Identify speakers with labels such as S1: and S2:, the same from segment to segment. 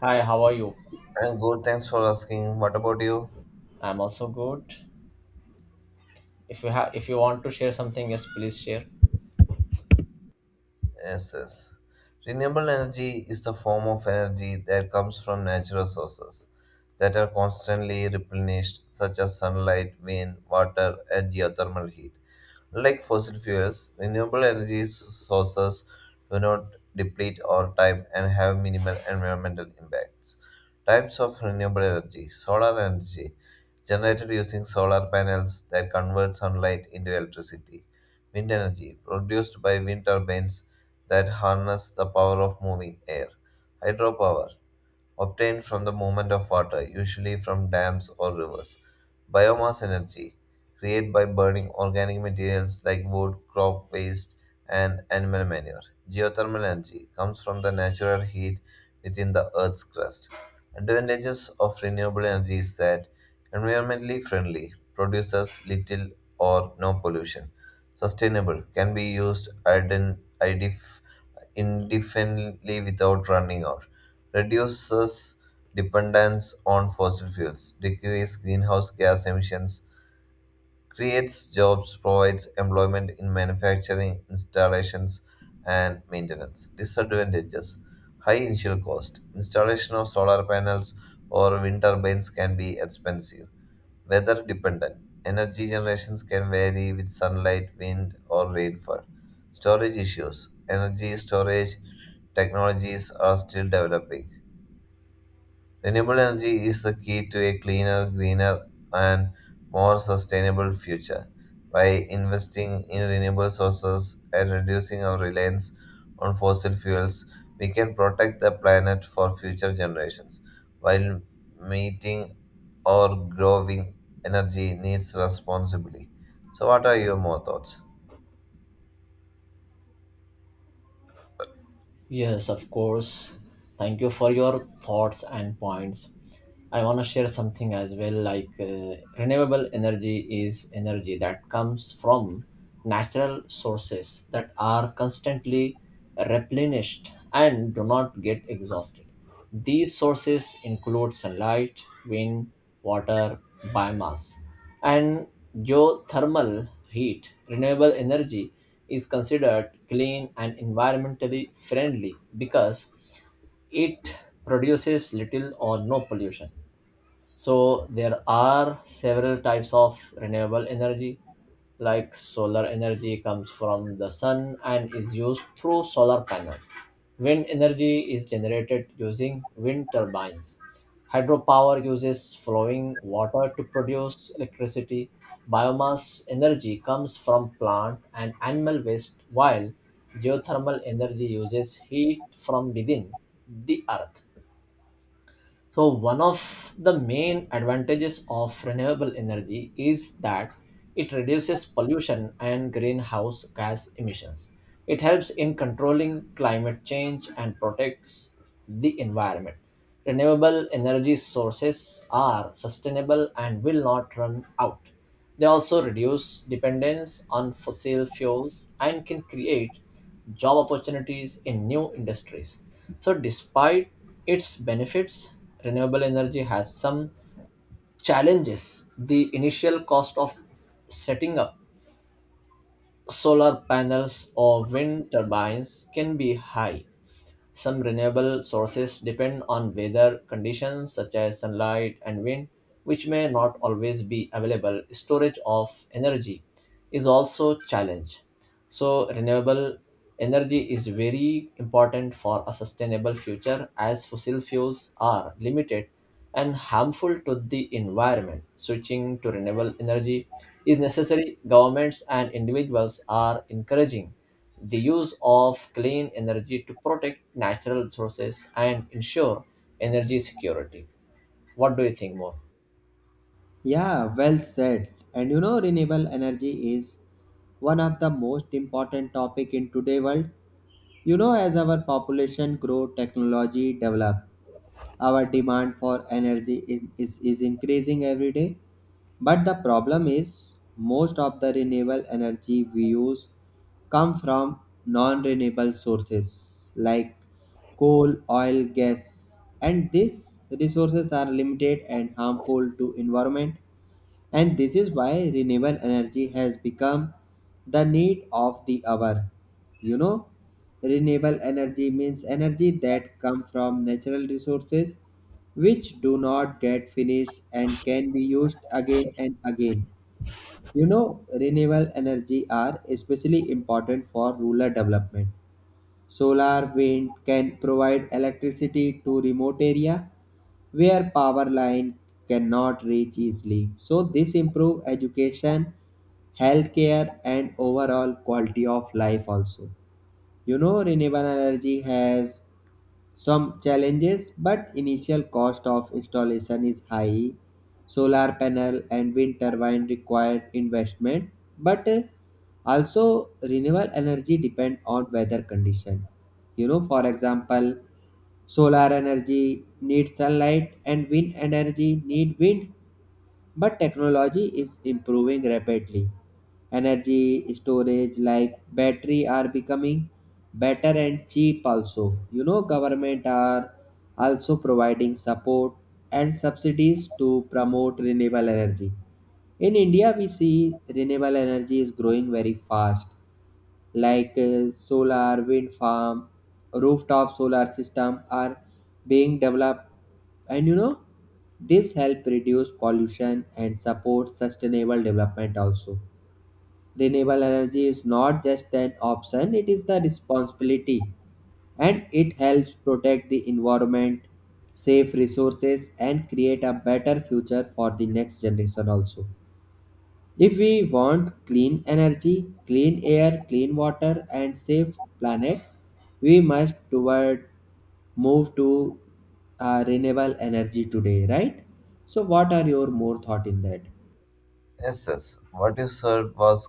S1: Hi, how are you?
S2: And good, thanks for asking. What about you?
S1: I'm also good. If you want to share something, yes, please share.
S2: Yes, yes. Renewable energy is the form of energy that comes from natural sources that are constantly replenished, such as sunlight, wind, water, and geothermal heat. Like fossil fuels, renewable energy sources do not deplete our time and have minimal environmental impacts. Types of renewable energy: solar energy, generated using solar panels that convert sunlight into electricity; wind energy, produced by wind turbines that harness the power of moving air; hydropower, obtained from the movement of water, usually from dams or rivers; biomass energy, created by burning organic materials like wood, crop waste, and animal manure. Geothermal energy comes from the natural heat within the Earth's crust. Advantages of renewable energy is that environmentally friendly, produces little or no pollution; sustainable, can be used indefinitely without running out, reduces dependence on fossil fuels, decreases greenhouse gas emissions, creates jobs, provides employment in manufacturing, installations, and maintenance. Disadvantages: high initial cost. Installation of solar panels or wind turbines can be expensive. Weather dependent. Energy generations can vary with sunlight, wind, or rainfall. Storage issues. Energy storage technologies are still developing. Renewable energy is the key to a cleaner, greener, and more sustainable future. By investing in renewable sources and reducing our reliance on fossil fuels, we can protect the planet for future generations while meeting our growing energy needs responsibly. So, what are your more thoughts?
S1: Yes, of course. Thank you for your thoughts and points. I want to share something as well, like renewable energy is energy that comes from natural sources that are constantly replenished and do not get exhausted. These sources include sunlight, wind, water, biomass, and geothermal heat. Renewable energy is considered clean and environmentally friendly because it produces little or no pollution. So there are several types of renewable energy, like solar energy comes from the sun and is used through solar panels. Wind energy is generated using wind turbines. Hydropower uses flowing water to produce electricity. Biomass energy comes from plant and animal waste, while geothermal energy uses heat from within the earth. So, one of the main advantages of renewable energy is that it reduces pollution and greenhouse gas emissions. It helps in controlling climate change and protects the environment. Renewable energy sources are sustainable and will not run out. They also reduce dependence on fossil fuels and can create job opportunities in new industries. So, despite its benefits, renewable energy has some challenges. The initial cost of setting up solar panels or wind turbines can be high. Some renewable sources depend on weather conditions such as sunlight and wind, which may not always be available. Storage of energy is also a challenge, so renewable energy is very important for a sustainable future as fossil fuels are limited and harmful to the environment. Switching to renewable energy is necessary. Governments and individuals are encouraging the use of clean energy to protect natural resources and ensure energy security. What do you think more?
S3: Yeah, well said. And you know, renewable energy is one of the most important topic in today world. You know, as our population grow, technology develop, our demand for energy is increasing every day. But the problem is most of the renewable energy we use come from non-renewable sources like coal, oil, gas, and these resources are limited and harmful to environment. And this is why renewable energy has become the need of the hour. You know, renewable energy means energy that come from natural resources which do not get finished and can be used again and again. You know, renewable energy are especially important for rural development. Solar wind can provide electricity to remote area where power line cannot reach easily. So this improve education, healthcare and overall quality of life also. You know renewable energy has some challenges, but initial cost of installation is high. Solar panel and wind turbine required investment, but also renewable energy depend on weather condition. You know, for example, solar energy needs sunlight and wind energy need wind but technology is improving rapidly. Energy storage like battery are becoming better and cheap also. You know, government are also providing support and subsidies to promote renewable energy. In India, we see renewable energy is growing very fast like solar, wind farm, rooftop solar system are being developed and you know this help reduce pollution and support sustainable development also. Renewable energy is not just an option, it is the responsibility and it helps protect the environment, save resources and create a better future for the next generation also. If we want clean energy, clean air, clean water, and safe planet, we must toward move to renewable energy today, right? So, what are your more thought in that?
S2: Yes, yes. What you said was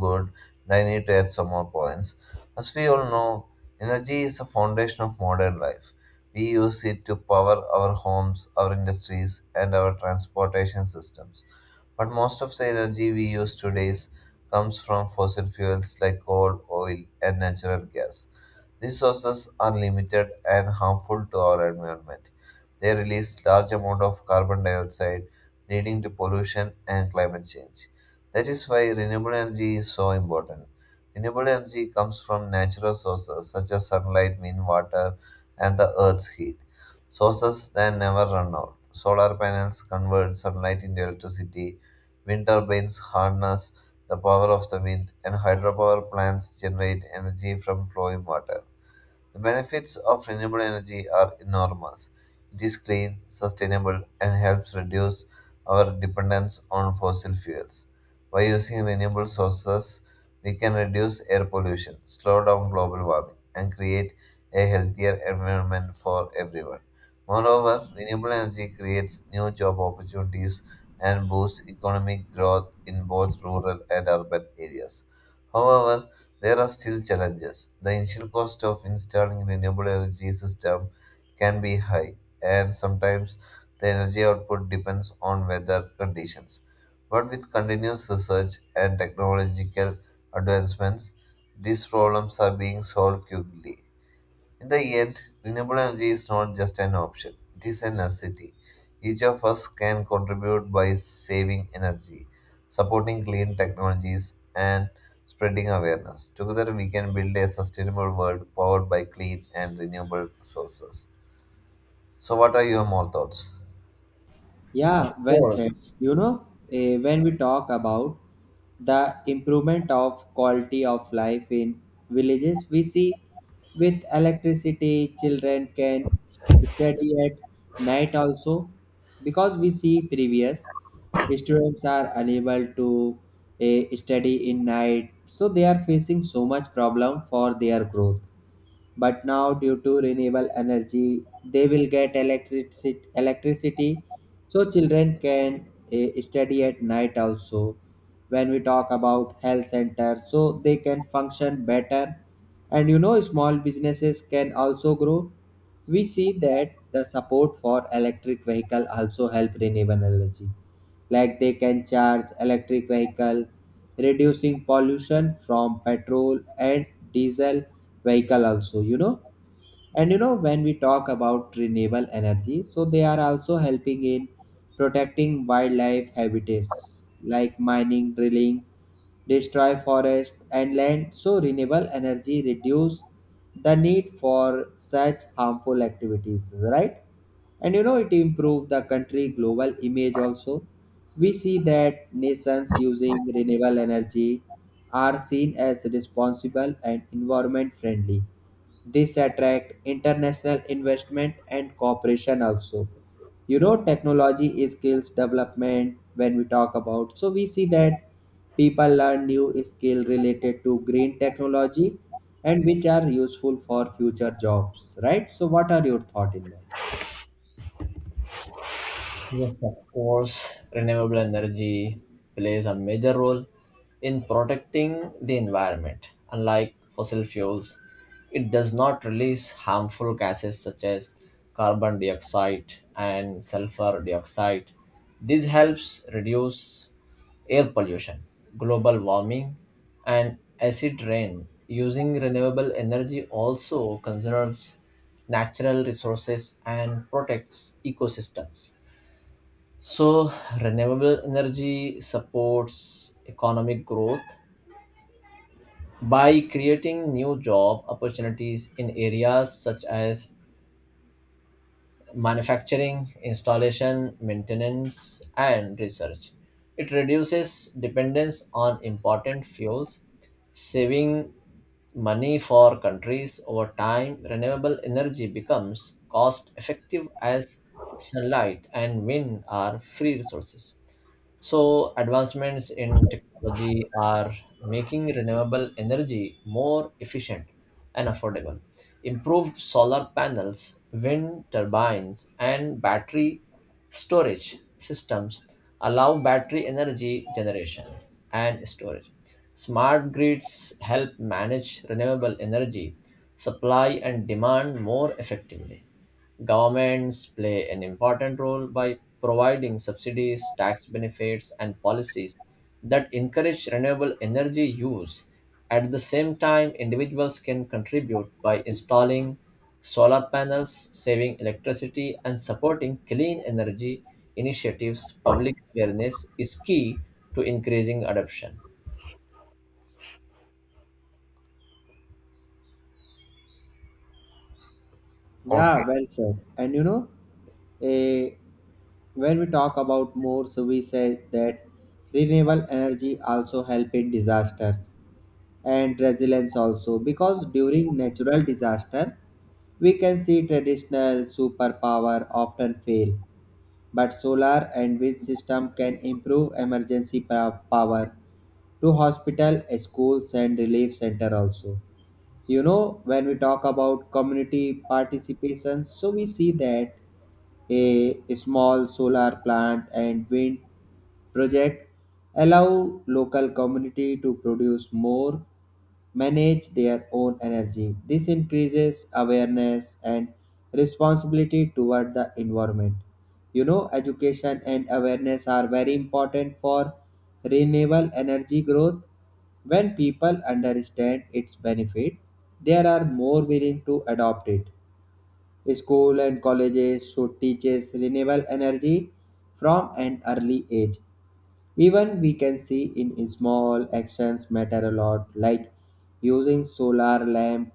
S2: good, and I need to add some more points. As we all know, energy is the foundation of modern life. We use it to power our homes, our industries, and our transportation systems. But most of the energy we use today comes from fossil fuels like coal, oil, and natural gas. These sources are limited and harmful to our environment. They release large amount of carbon dioxide, leading to pollution and climate change. That is why renewable energy is so important. Renewable energy comes from natural sources such as sunlight, wind, water, and the earth's heat. Sources that never run out. Solar panels convert sunlight into electricity. Wind turbines harness the power of the wind, and hydropower plants generate energy from flowing water. The benefits of renewable energy are enormous. It is clean, sustainable, and helps reduce our dependence on fossil fuels. By using renewable sources, we can reduce air pollution, slow down global warming, and create a healthier environment for everyone. Moreover, renewable energy creates new job opportunities and boosts economic growth in both rural and urban areas. However, there are still challenges. The initial cost of installing renewable energy system can be high, and sometimes the energy output depends on weather conditions. But with continuous research and technological advancements, these problems are being solved quickly. In the end, renewable energy is not just an option, it is a necessity. Each of us can contribute by saving energy, supporting clean technologies, and spreading awareness. Together, we can build a sustainable world powered by clean and renewable sources. So, what are your more thoughts?
S1: Of
S3: Yeah, well
S1: course.
S3: said. You know, when we talk about the improvement of quality of life in villages, we see with electricity, children can study at night also because we see previous students are unable to study in night, so they are facing so much problem for their growth but now due to renewable energy they will get electricity so children can study at night also. When we talk about health centers so they can function better and you know small businesses can also grow. We see that the support for electric vehicle also help renewable energy like they can charge electric vehicle, reducing pollution from petrol and diesel vehicle also, you know. And you know when we talk about renewable energy so they are also helping in protecting wildlife habitats like mining drilling destroy forest and land so renewable energy reduce the need for such harmful activities, right? And you know it improved the country global image also. We see that nations using renewable energy are seen as responsible and environment friendly. This attract international investment and cooperation also. You know technology is skills development when we talk about, so we see that people learn new skill related to green technology and which are useful for future jobs, right? So what are your thought in that?
S1: Yes, of course, renewable energy plays a major role in protecting the environment. Unlike fossil fuels, it does not release harmful gases such as carbon dioxide and sulfur dioxide. This helps reduce air pollution, global warming, and acid rain. Using renewable energy also conserves natural resources and protects ecosystems. So, renewable energy supports economic growth by creating new job opportunities in areas such as manufacturing, installation, maintenance, and research. It reduces dependence on important fuels, saving money for countries over time. Renewable energy becomes cost effective as sunlight and wind are free resources. So, advancements in technology are making renewable energy more efficient and affordable. Improved solar panels, wind turbines, and battery storage systems allow battery energy generation and storage. Smart grids help manage renewable energy supply and demand more effectively. Governments play an important role by providing subsidies, tax benefits, and policies that encourage renewable energy use. At the same time, individuals can contribute by installing solar panels, saving electricity, and supporting clean energy initiatives. Public awareness is key to increasing adoption.
S2: Okay,
S3: Yeah, well said. And you know, eh, when we talk about more, so we say that renewable energy also help in disasters and resilience also because during natural disaster we can see traditional superpower often fail but solar and wind system can improve emergency power to hospital schools and relief center also. You know, when we talk about community participation, so we see that a small solar plant and wind project allow local community to produce more, manage their own energy. This increases awareness and responsibility toward the environment. You know, education and awareness are very important for renewable energy growth. When people understand its benefit, they are more willing to adopt it. School and colleges should teach us renewable energy from an early age. Even we can see in small actions matter a lot, like using solar lamp,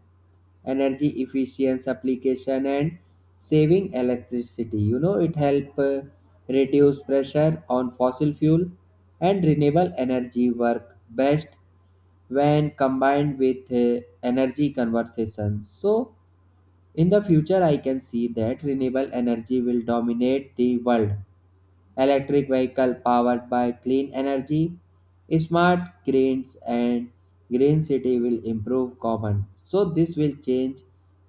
S3: energy efficiency application, and saving electricity. You know, it help reduce pressure on fossil fuel and renewable energy work best when combined with energy conservation. So, in the future, I can see that renewable energy will dominate the world. Electric vehicle powered by clean energy, smart grids and green city will improve common. So this will change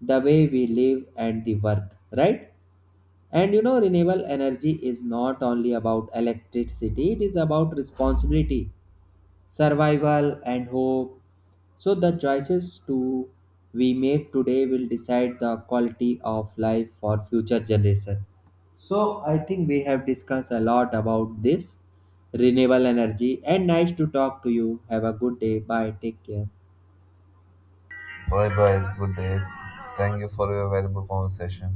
S3: the way we live and the work, right? And you know renewable energy is not only about electricity, it is about responsibility, survival, and hope. So, the choices to we make today will decide the quality of life for future generation. So, I think we have discussed a lot about this renewable energy and nice to talk to you. Have a good day. Bye. Take care.
S2: bye bye. Good day. Thank you for your valuable conversation.